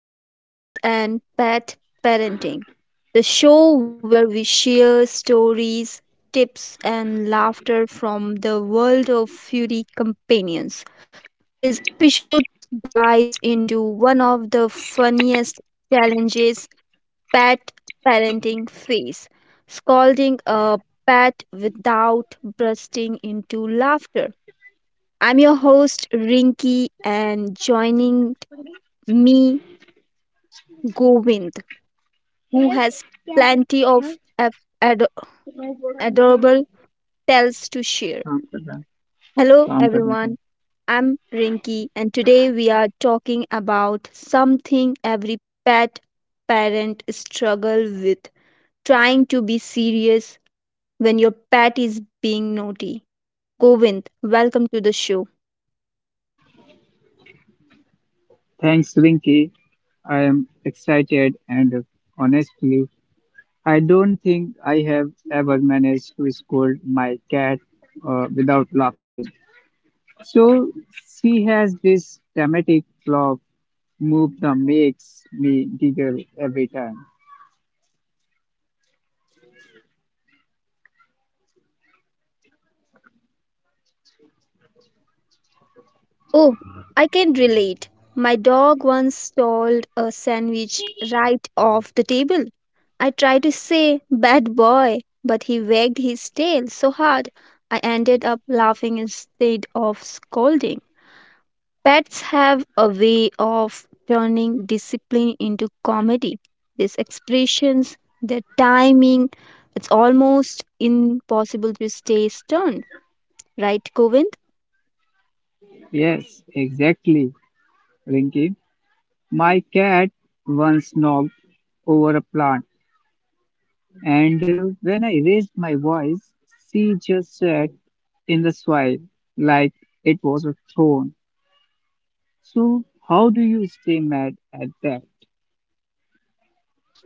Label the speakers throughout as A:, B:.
A: to Pets and Pet Parenting, the show where we share stories, tips, and laughter from the world of furry companions. Today's episode dives into one of the funniest challenges pet parenting face scolding a pet without bursting into laughter. I'm your host, Rinky, and joining me, Govind. Who has plenty of adorable tales to share.
B: Tom Prabha,
A: Hello,
B: Tom Prabha.
A: everyone. I'm Rinky, and today we are talking about something every pet parent struggle with trying to be serious when your pet is being naughty. Govind, welcome to the show.
B: Thanks, Rinky. I am excited and honestly, I don't think I have ever managed to scold my cat without laughing. So she has this dramatic flop move that makes me giggle every time.
A: Oh, I can relate. My dog once stole a sandwich right off the table. I tried to say, bad boy, but he wagged his tail so hard I ended up laughing instead of scolding. Pets have a way of turning discipline into comedy. These expressions, their timing, it's almost impossible to stay stern, right, Govind?
B: Yes, exactly, Rinky. My cat once knocked over a plant, and when I raised my voice, she just said, in the soil like it was a throne. So how do you stay mad at that?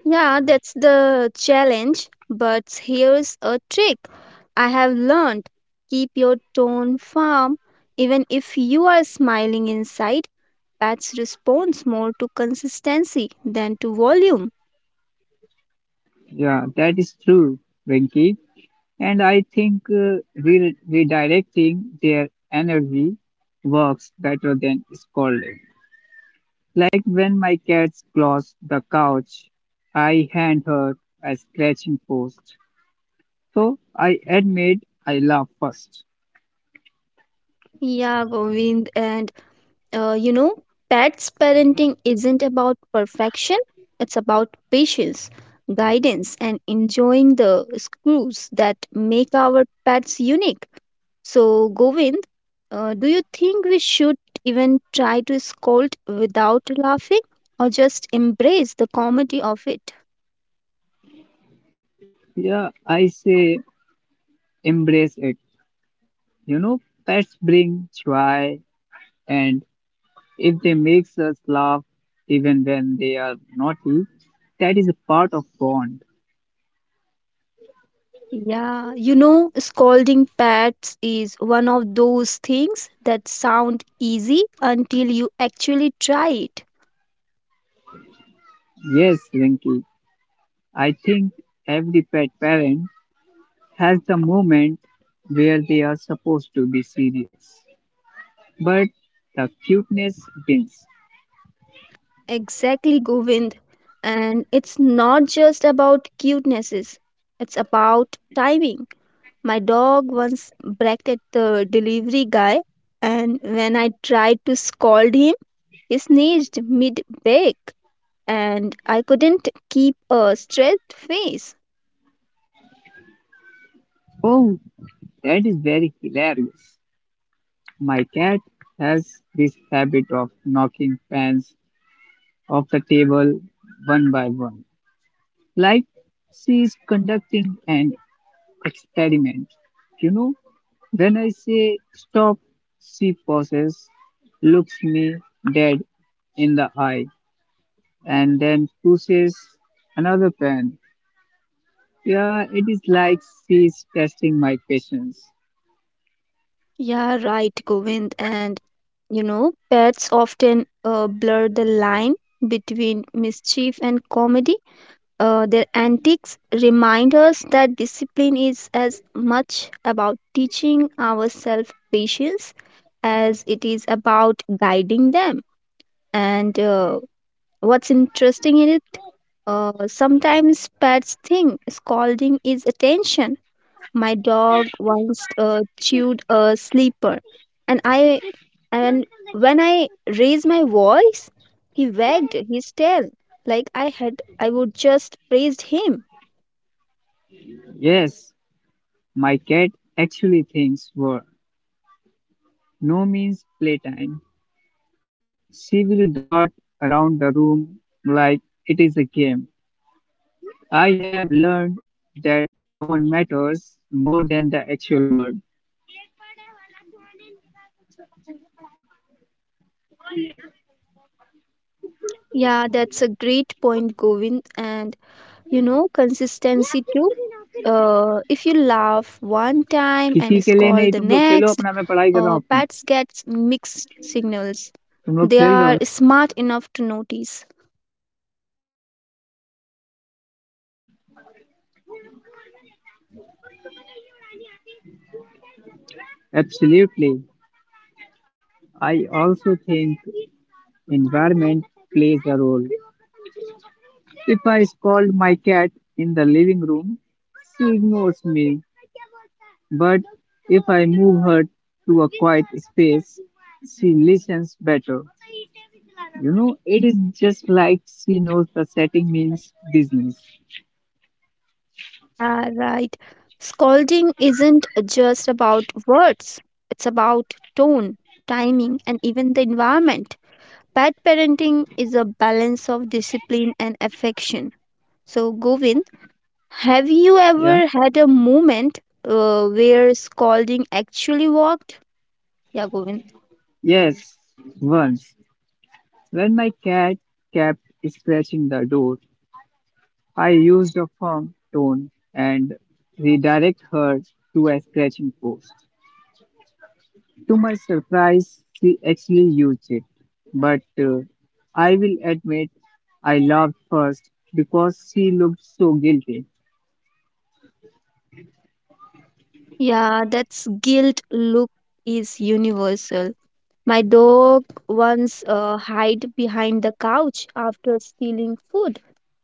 A: Yeah, that's the challenge. But here's a trick I have learned keep your tone firm. Even if you are smiling inside, Pets responds more to consistency than to volume.
B: Yeah, that is true, Venki. And I think redirecting their energy works better than scolding. Like when my cat claws the couch, I hand her a scratching post. So I admit I laugh first.
A: Yeah, Govind, and you know, pets parenting isn't about perfection, it's about patience, guidance, and enjoying the screws that make our pets unique. So, Govind, do you think we should even try to scold without laughing or just embrace the comedy of it?
B: Yeah, I say embrace it. You know, pets bring joy and if they makes us laugh even when they are naughty, that is a part of bond.
A: Yeah, you know, scolding pets is one of those things that sound easy until you actually try it.
B: Yes, Rinky, I think every pet parent has the moment where they are supposed to be serious. But the cuteness wins.
A: Exactly, Govind. And it's not just about cutenesses, it's about timing. My dog once barked at the delivery guy, and when I tried to scold him, he sneezed mid bake, and I couldn't keep a straight face.
B: Oh, that is very hilarious. My cat has this habit of knocking pans off the table one by one, like she is conducting an experiment. You know, when I say stop, she pauses, looks me dead in the eye, and then pushes another pen. Yeah, it is like she's testing my patience.
A: Yeah, right, Govind. And you know, pets often blur the line between mischief and comedy. Their antics remind us that discipline is as much about teaching ourselves patience as it is about guiding them. And what's interesting in it, sometimes pets think scolding is attention my dog once chewed a sleeper, and I and when I raised my voice, he wagged his tail like I would just praised him.
B: Yes, my cat actually thinks work. No means playtime. She will dart around the room like it is a game. I have learned that tone matters more than the actual word.
A: Yeah, that's a great point, Govind. And you know, consistency too. If you laugh one time and scold the next, pets get mixed signals. They are smart enough to notice.
B: Absolutely. I also think environment plays a role. If I scold my cat in the living room, she ignores me. But if I move her to a quiet space, she listens better. You know, it is just like she knows the setting means business.
A: Yeah, right. Scolding isn't just about words, it's about tone, timing, and even the environment. Pet parenting is a balance of discipline and affection. So, Govind, have you
B: Yeah.
A: ever had a moment where scolding actually worked? Yeah, Govind.
B: Yes. Once, when my cat kept scratching the door, I used a firm tone and redirect her to a scratching post. To my surprise, she actually used it. But I will admit I laughed first because she looked so guilty.
A: Yeah, that's guilt look is universal. My dog once hid behind the couch after stealing food.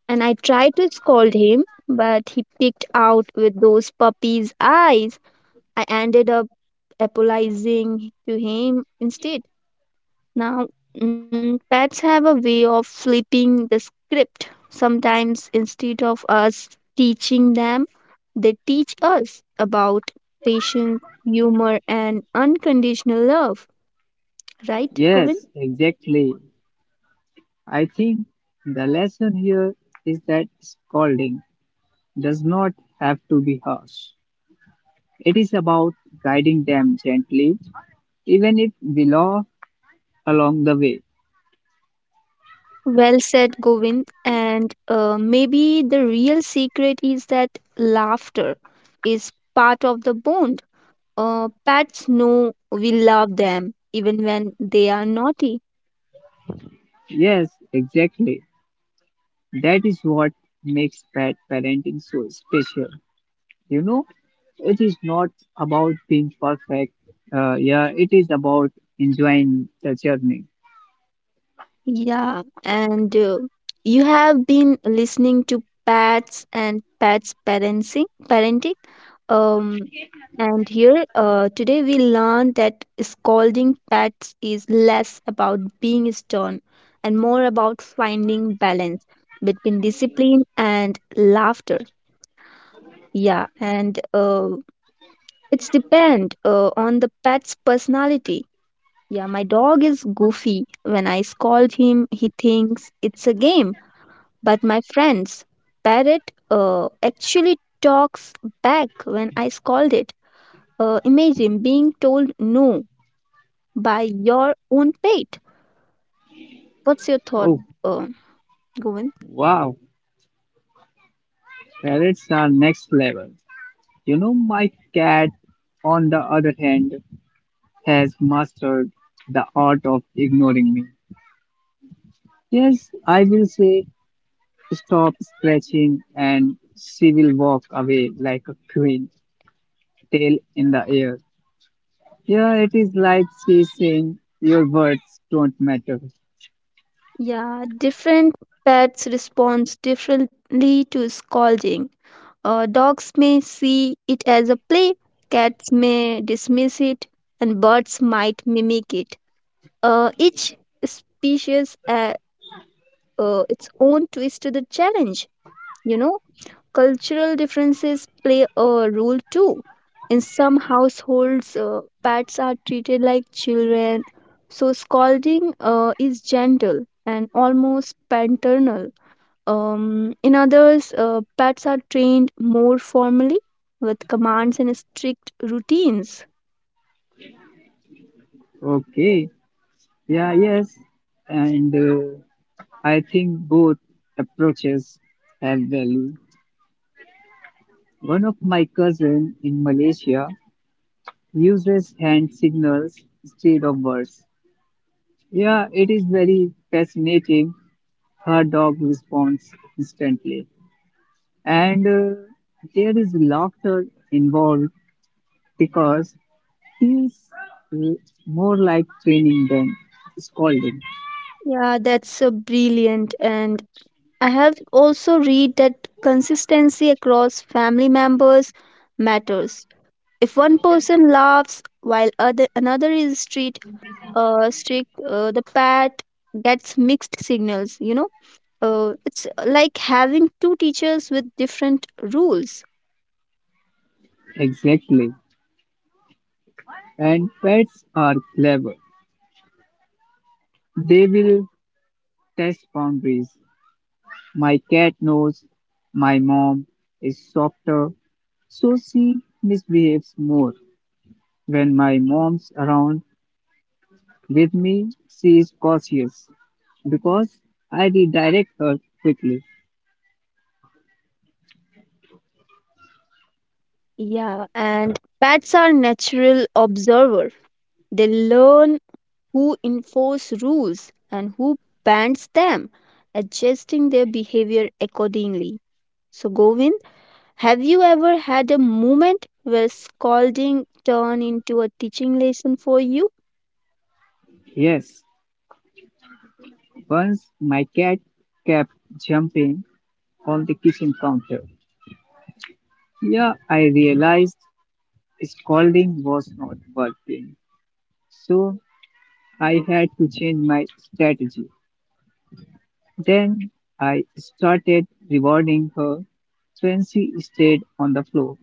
A: And I tried to scold him, but he picked out with those puppy's eyes. I ended up apologizing to him instead. Now, pets have a way of flipping the script. Sometimes, instead of us teaching them, they teach us about patience, humor, and unconditional love, right, Bhuvin?
B: Yes, exactly. I think the lesson here is that scolding does not have to be harsh. It is about guiding them gently, even if we laugh along the way.
A: Well said, Govind. And maybe the real secret is that laughter is part of the bond. Pets know we love them even when they are naughty.
B: Yes, exactly. That is what makes pet parenting so special. You know, it is not about being perfect. Yeah, it is about enjoying the journey.
A: Yeah, and you have been listening to pets and pets parenting. Parenting. Um, And here, today we learn that scolding pets is less about being stern and more about finding balance between discipline and laughter. Yeah, and it's depend on the pet's personality. Yeah, my dog is goofy. When I scold him, he thinks it's a game. But my friend's parrot actually talks back when I scold it. Imagine being told no by your own pet. What's your thought,
B: Oh,
A: uh, Govind?
B: wow, parrots are next level. You know, my cat, on the other hand, has mastered the art of ignoring me. Yes, I will say stop scratching and she will walk away like a queen, tail in the air. Yeah, it is like she saying your words don't matter.
A: Yeah, different pets respond differently to scolding. Dogs may see it as a play, cats may dismiss it, and birds might mimic it. Each species has its own twist to the challenge. You know, cultural differences play a role too. In some households, pets are treated like children, so scolding is gentle and almost paternal. In others, pets are trained more formally with commands and strict routines.
B: Okay. Yeah, yes. And I think both approaches have value. One of my cousin in Malaysia uses hand signals instead of words. Yeah, it is very fascinating. Her dog responds instantly. And there is laughter involved because feels l- more like training than scolding.
A: Yeah, that's brilliant. And I have also read that consistency across family members matters If one person laughs while other another is strict, the pet gets mixed signals. You know, it's like having two teachers with different rules.
B: Exactly. And pets are clever. They will test boundaries. My cat knows my mom is softer, so she misbehaves more. When my mom's around with me, she is cautious because I redirect her quickly.
A: Yeah, and pets are natural observer. They learn who enforce rules and who bans them, adjusting their behavior accordingly. So, Govin. Have you ever had a moment where scolding turned into a teaching lesson for you?
B: Yes, once my cat kept jumping on the kitchen counter. Yeah, I realized scolding was not working, so I had to change my strategy. Then I started rewarding her when she stayed on the floor.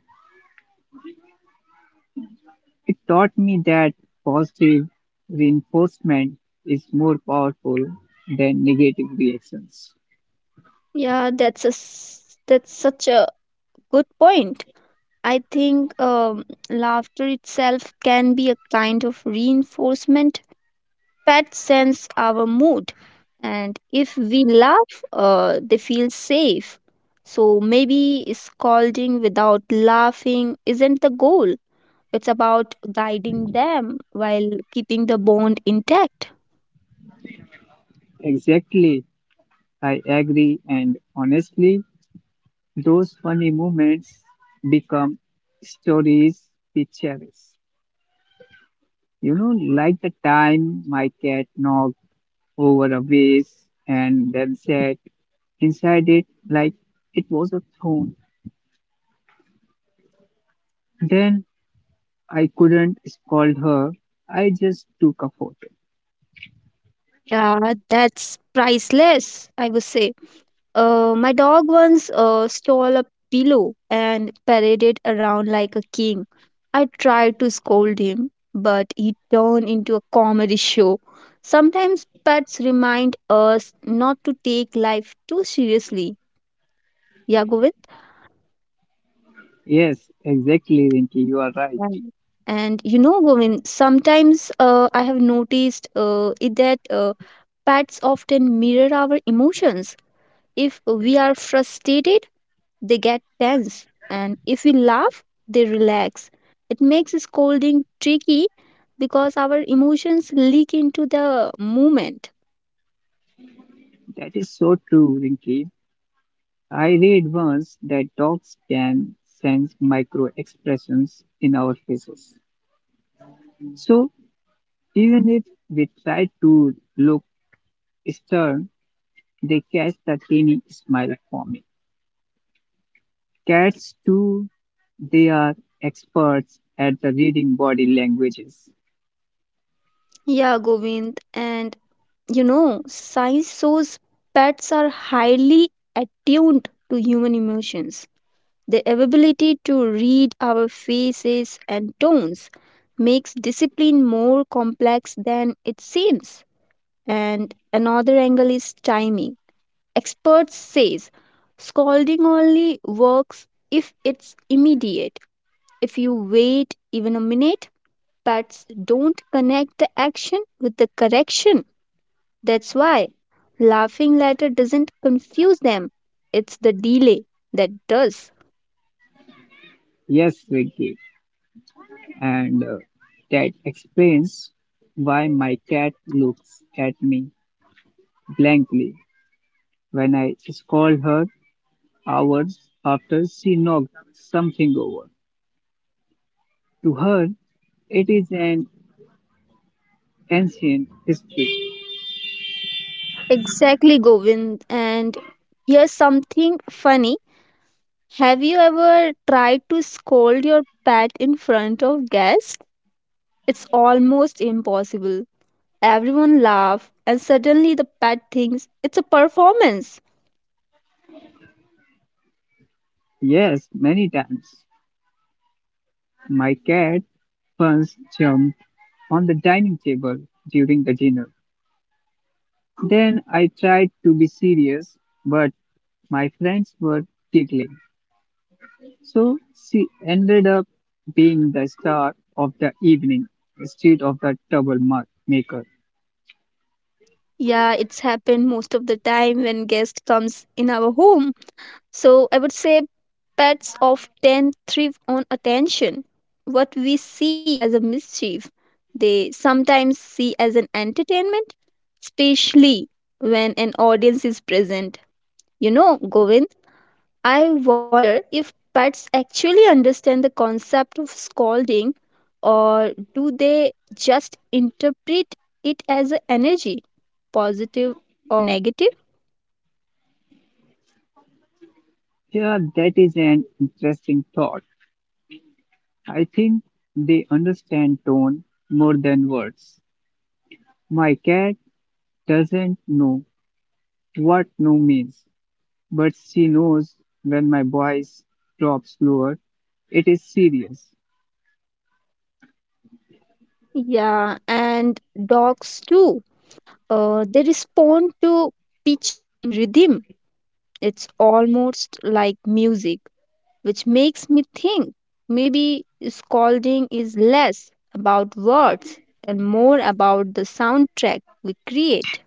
B: It taught me that positive reinforcement is more powerful than negative reactions.
A: Yeah, that's that's such a good point. I think laughter itself can be a kind of reinforcement that sense our mood, and if we laugh, they feel safe. So maybe scolding without laughing isn't the goal. It's about guiding them while keeping the bond intact.
B: Exactly, I agree, and honestly, those funny moments become stories we cherish. You know, like the time my cat knocked over a vase and then sat inside it like it was a throne. Then I couldn't scold her. I just took a photo.
A: Yeah, that's priceless, I would say. My dog once stole a pillow and paraded around like a king. I tried to scold him, but he turned into a comedy show. Sometimes pets remind us not to take life too seriously. Yeah, Govind?
B: Yes, exactly, Rinky. You are right.
A: Um, And you know, Govind, sometimes I have noticed it that pets often mirror our emotions. If we are frustrated, they get tense, and if we laugh, they relax. It makes scolding tricky because our emotions leak into the movement.
B: That is so true, Rinky. I read once that dogs can sense micro expressions in our faces. So even if we try to look stern, they catch the tiny smile forming. Cats too, they are experts at the reading body languages.
A: Yeah, Govind, and you know, science shows pets are highly attuned to human emotions. Their ability to read our faces and tones makes discipline more complex than it seems. And another angle is timing. Experts says scalding only works if it's immediate. If you wait even a minute, pets don't connect the action with the correction. That's why laughing later doesn't confuse them. It's the delay that does.
B: Yes, Ricky, and that explains why my cat looks at me blankly when I scold her hours after she knocked something over. To her, it is an ancient history.
A: Exactly, Govind. And here's something funny. Have you ever tried to scold your pet in front of guests? It's almost impossible. Everyone laugh and suddenly the pet thinks it's a performance.
B: Yes, many times my cat once jumped on the dining table during the dinner. Then I tried to be serious, but my friends were giggling. So she ended up being the star of the evening instead of the troublemaker.
A: Yeah, it's happened most of the time when guest comes in our home. So I would say pets often thrive on attention. What we see as a mischief, they sometimes see as an entertainment, especially when an audience is present. You know, Govind. I wonder if pets actually understand the concept of scolding or do they just interpret it as a energy, positive or negative?
B: Yeah, that is an interesting thought. I think they understand tone more than words. My cat doesn't know what no means, but she knows when my voice drops lower. It is serious.
A: Yeah, and dogs too. They respond to pitch and rhythm. It's almost like music, which makes me think maybe scolding is less about words and more about the soundtrack we create.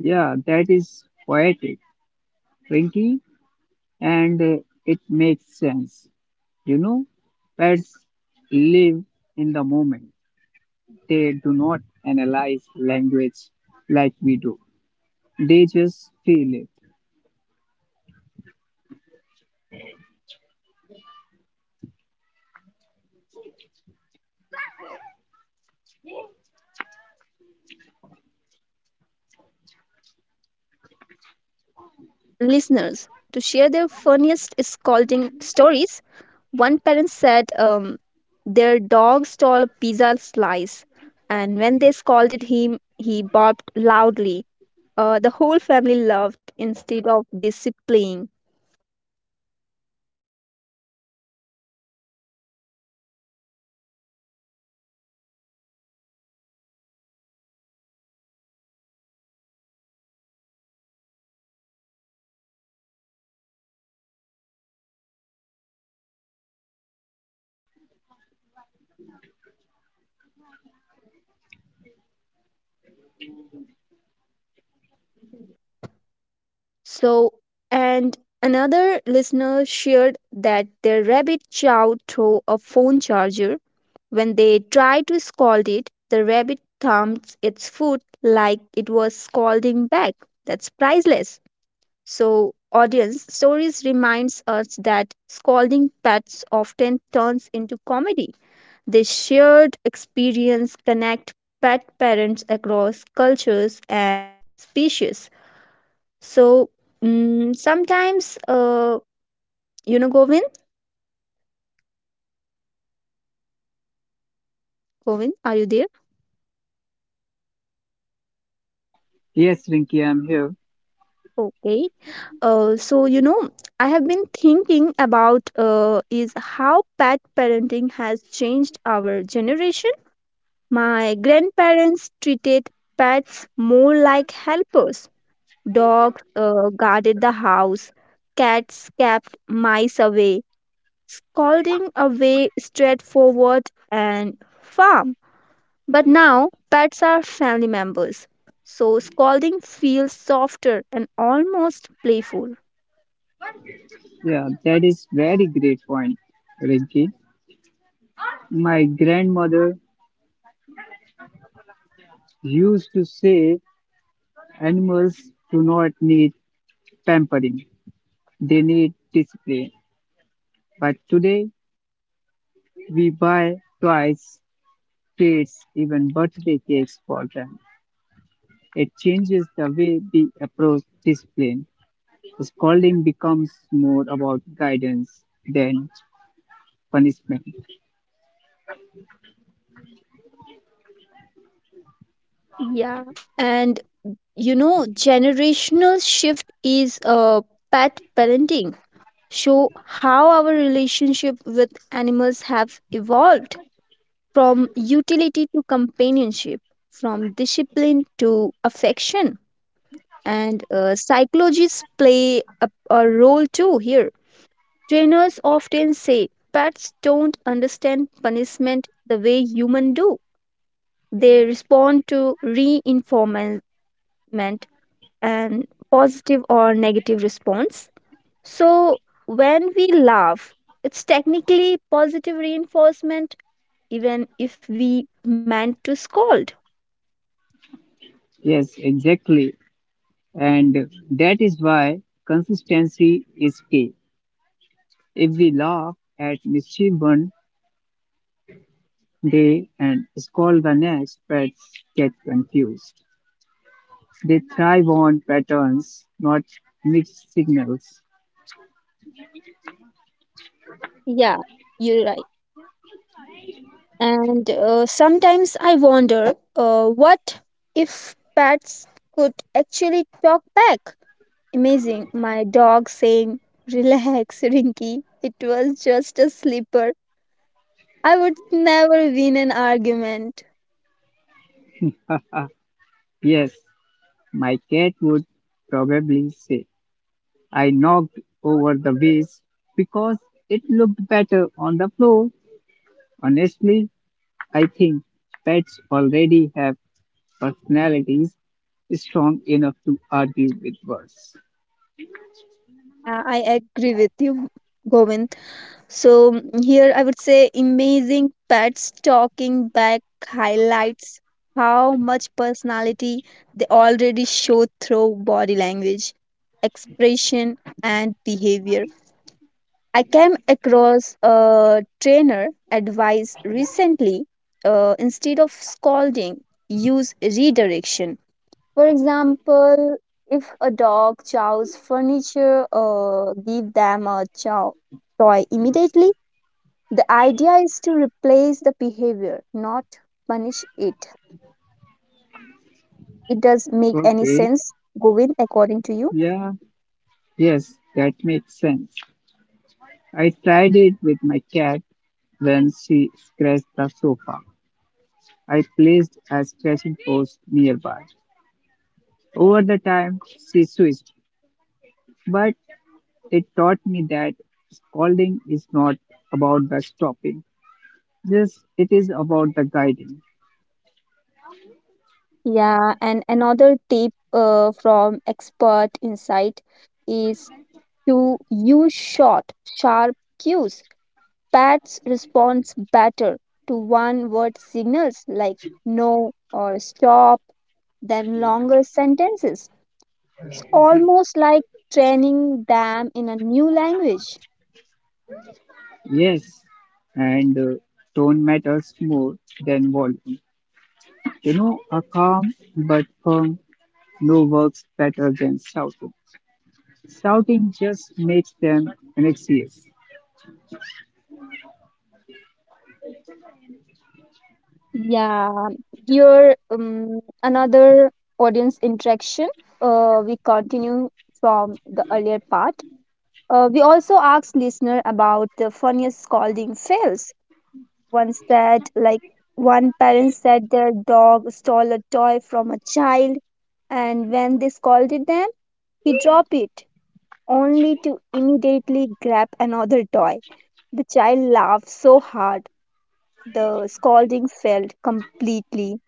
B: Yeah, that is poetic Rinky, and it makes sense. You know, pets live in the moment. They do not analyze language like we do. They just feel it.
A: Yeah, Govin, and it's time for audience interaction. Uh, so, listeners, to share their funniest scalding stories, one parent said their dog stole a pizza slice, and when they scolded him, he barked loudly. The whole family laughed instead of disciplining. So, and another listener shared that their rabbit chow threw a phone charger When they tried to scold it, the rabbit thumped its foot like it was scolding back. That's priceless. So, audience stories reminds us that scolding pets often turns into comedy. This shared experience connect pet parents across cultures and species. So, sometimes, you know, Govin, are you there?
B: Yes, Rinky, I'm here.
A: Okay. So you know, I have been thinking about is how pet parenting has changed our generation. My grandparents treated pets more like helpers. Dogs guarded the house, cats kept mice away, scolding away straightforward and firm. But now pets are family members, so scolding feels softer and almost playful.
B: Yeah, that is very great point, Rinky. My grandmother used to say animals do not need pampering. They need discipline. But today we buy toys treats, even birthday cakes for them. It changes the way we approach discipline. Scolding becomes more about guidance than punishment.
A: Yeah, and you know generational shift is pet parenting show how our relationship with animals have evolved from utility to companionship from discipline to affection and psychologists play a role too here trainers often say pets don't understand punishment the way humans do they respond to reinforcement and positive or negative response. So, when we laugh, it's technically positive reinforcement, even if we meant to scold.
B: Yes, exactly. And that is why consistency is key. If we laugh at mischief one day and scold the next, pets get confused. They thrive on patterns, not mixed signals.
A: Yeah, you're right. And sometimes I wonder what if pets could actually talk back? Amazing. My dog saying, Relax, Rinky. It was just a slipper. I would never win an argument.
B: Ah, yes, my cat would probably say, I knocked over the vase because it looked better on the floor. Honestly, I think pets already have personalities strong enough to argue with words.
A: Yeah, I agree with you, Govind. So here I would say amazing pets talking back highlights how much personality they already show through body language, expression, and behavior. I came across a trainer advice recently. Instead of scolding, use redirection for example, if a dog chows furniture or give them a chow toy immediately, the idea is to replace the behavior, not punish it. It does make any
B: Okay,
A: sense, Govin, according to you?
B: yeah, yes, that makes sense. I tried it with my cat when she scratched the sofa. I placed a scratching post nearby. Over the time, she switched, but it taught me that scolding is not about the stopping. Yes, it is about the guiding.
A: Yeah, and another tip from expert insight is to use short, sharp cues Bats responds better to one word signals like no or stop than longer sentences. It's almost like training them in a new language.
B: Yes, and tone matters more than volume. You know, a calm but firm no works better than shouting. Shouting just makes them anxious.
A: Yeah, here another audience interaction. We continue from the earlier part. We also asked listener about the funniest scolding fails. Once that like one parent said their dog stole a toy from a child and when they scolded them he dropped it only to immediately grab another toy the child laughed so hard the scolding failed completely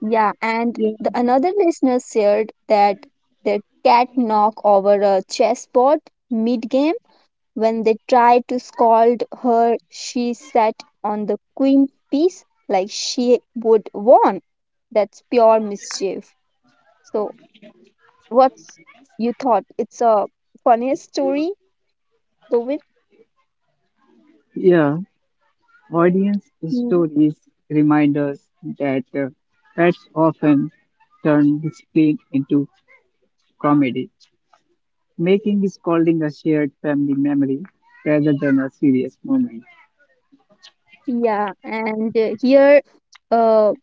A: yeah and
B: Yeah,
A: the another listener shared that their cat knocked over a chessboard mid game When they tried to scold her, she sat on the queen piece like she would warn. That's pure mischief. So, what's you thought? It's a funniest story, Govind?
B: yeah. Audience
A: Mm,
B: stories remind us that pets often turn discipline into comedy. Making is calling a shared family memory rather than a serious moment.
A: Yeah, and here, uh,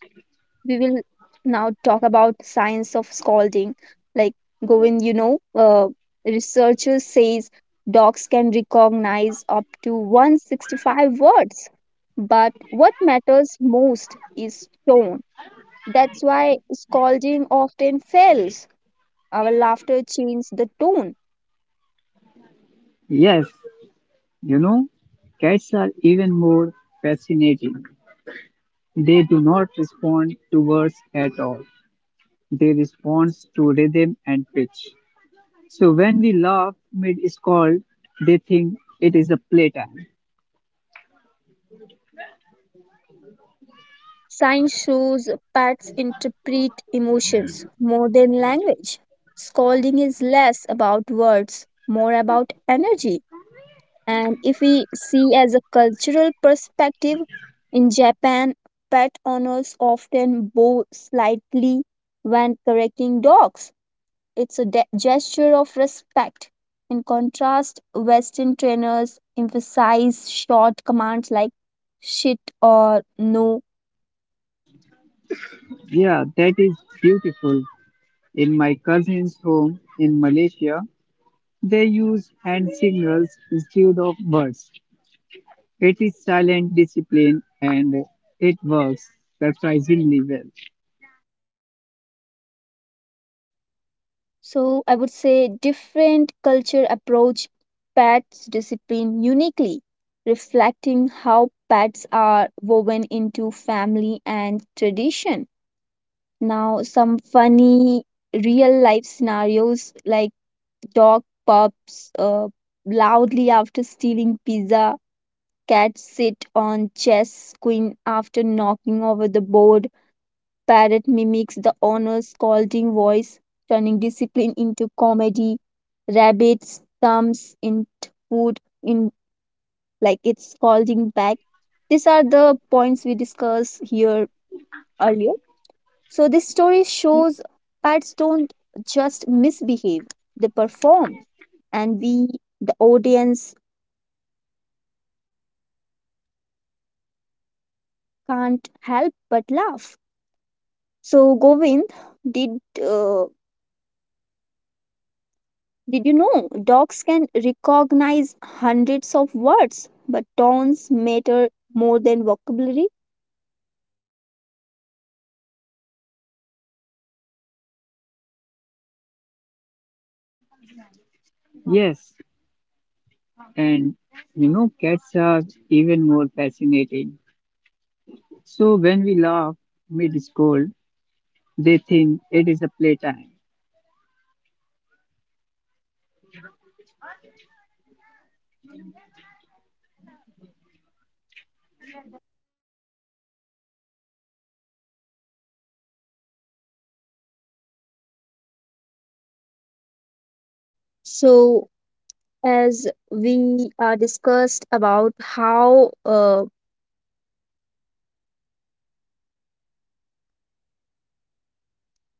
A: we will now talk about science of scalding like going researchers says dogs can recognize up to 165 words but what matters most is tone that's why scolding often fails our laughter changes the tone
B: Yes, you know, cats are even more fascinating. They do not respond to words at all. They respond to rhythm and pitch. So when we laugh mid scold, they think it is a playtime.
A: science shows pets interpret emotions more than language scolding is less about words more about energy And if we see as a cultural perspective, in Japan, pet owners often bow slightly when correcting dogs. It's a gesture of respect. In contrast, Western trainers emphasize short commands like shit or no
B: Yeah, that is beautiful. In my cousin's home in Malaysia, they use hand signals instead of words. It is silent discipline and it works surprisingly well.
A: So I would say different culture approach pets discipline uniquely, reflecting how pets are woven into family and tradition. Now some funny real life scenarios like dog pups loudly after stealing pizza, cats sit on chess queen after knocking over the board Parrot mimics the owner's scolding voice, turning discipline into comedy. Rabbit stumps in food in like it's scolding back. These are the points we discussed here earlier. So this story shows pets don't just misbehave; they perform, and we, the audience, can't help but laugh. So Govind, did uh, Did you know dogs can recognize hundreds of words, but tones matter more than vocabulary?
B: Yes, and you know, cats are even more fascinating. So when we laugh mid scold, they think it is a playtime.
A: So, as we discussed about how uh,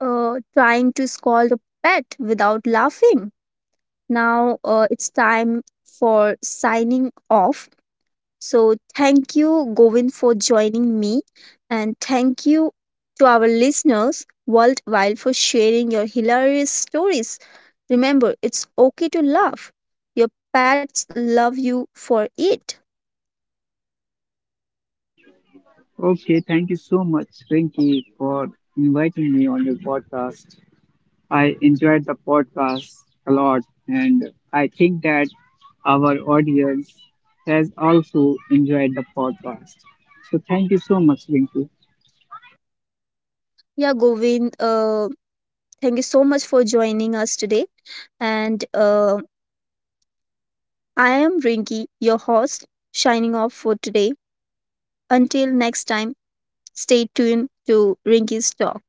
A: uh, trying to scold a pet without laughing, now it's time for signing off. So, thank you, Govind for joining me. And thank you to our listeners worldwide for sharing your hilarious stories. Remember, it's okay to laugh. Your pets love you for it.
B: Okay, thank you so much, Rinky, for inviting me on your podcast. I enjoyed the podcast a lot, and I think that our audience has also enjoyed the podcast. So thank you so much, Rinky.
A: Yeah, Govind. Thank you so much for joining us today. And I am Rinki, your host, shining off for today. Until next time, stay tuned to Rinki's Talk.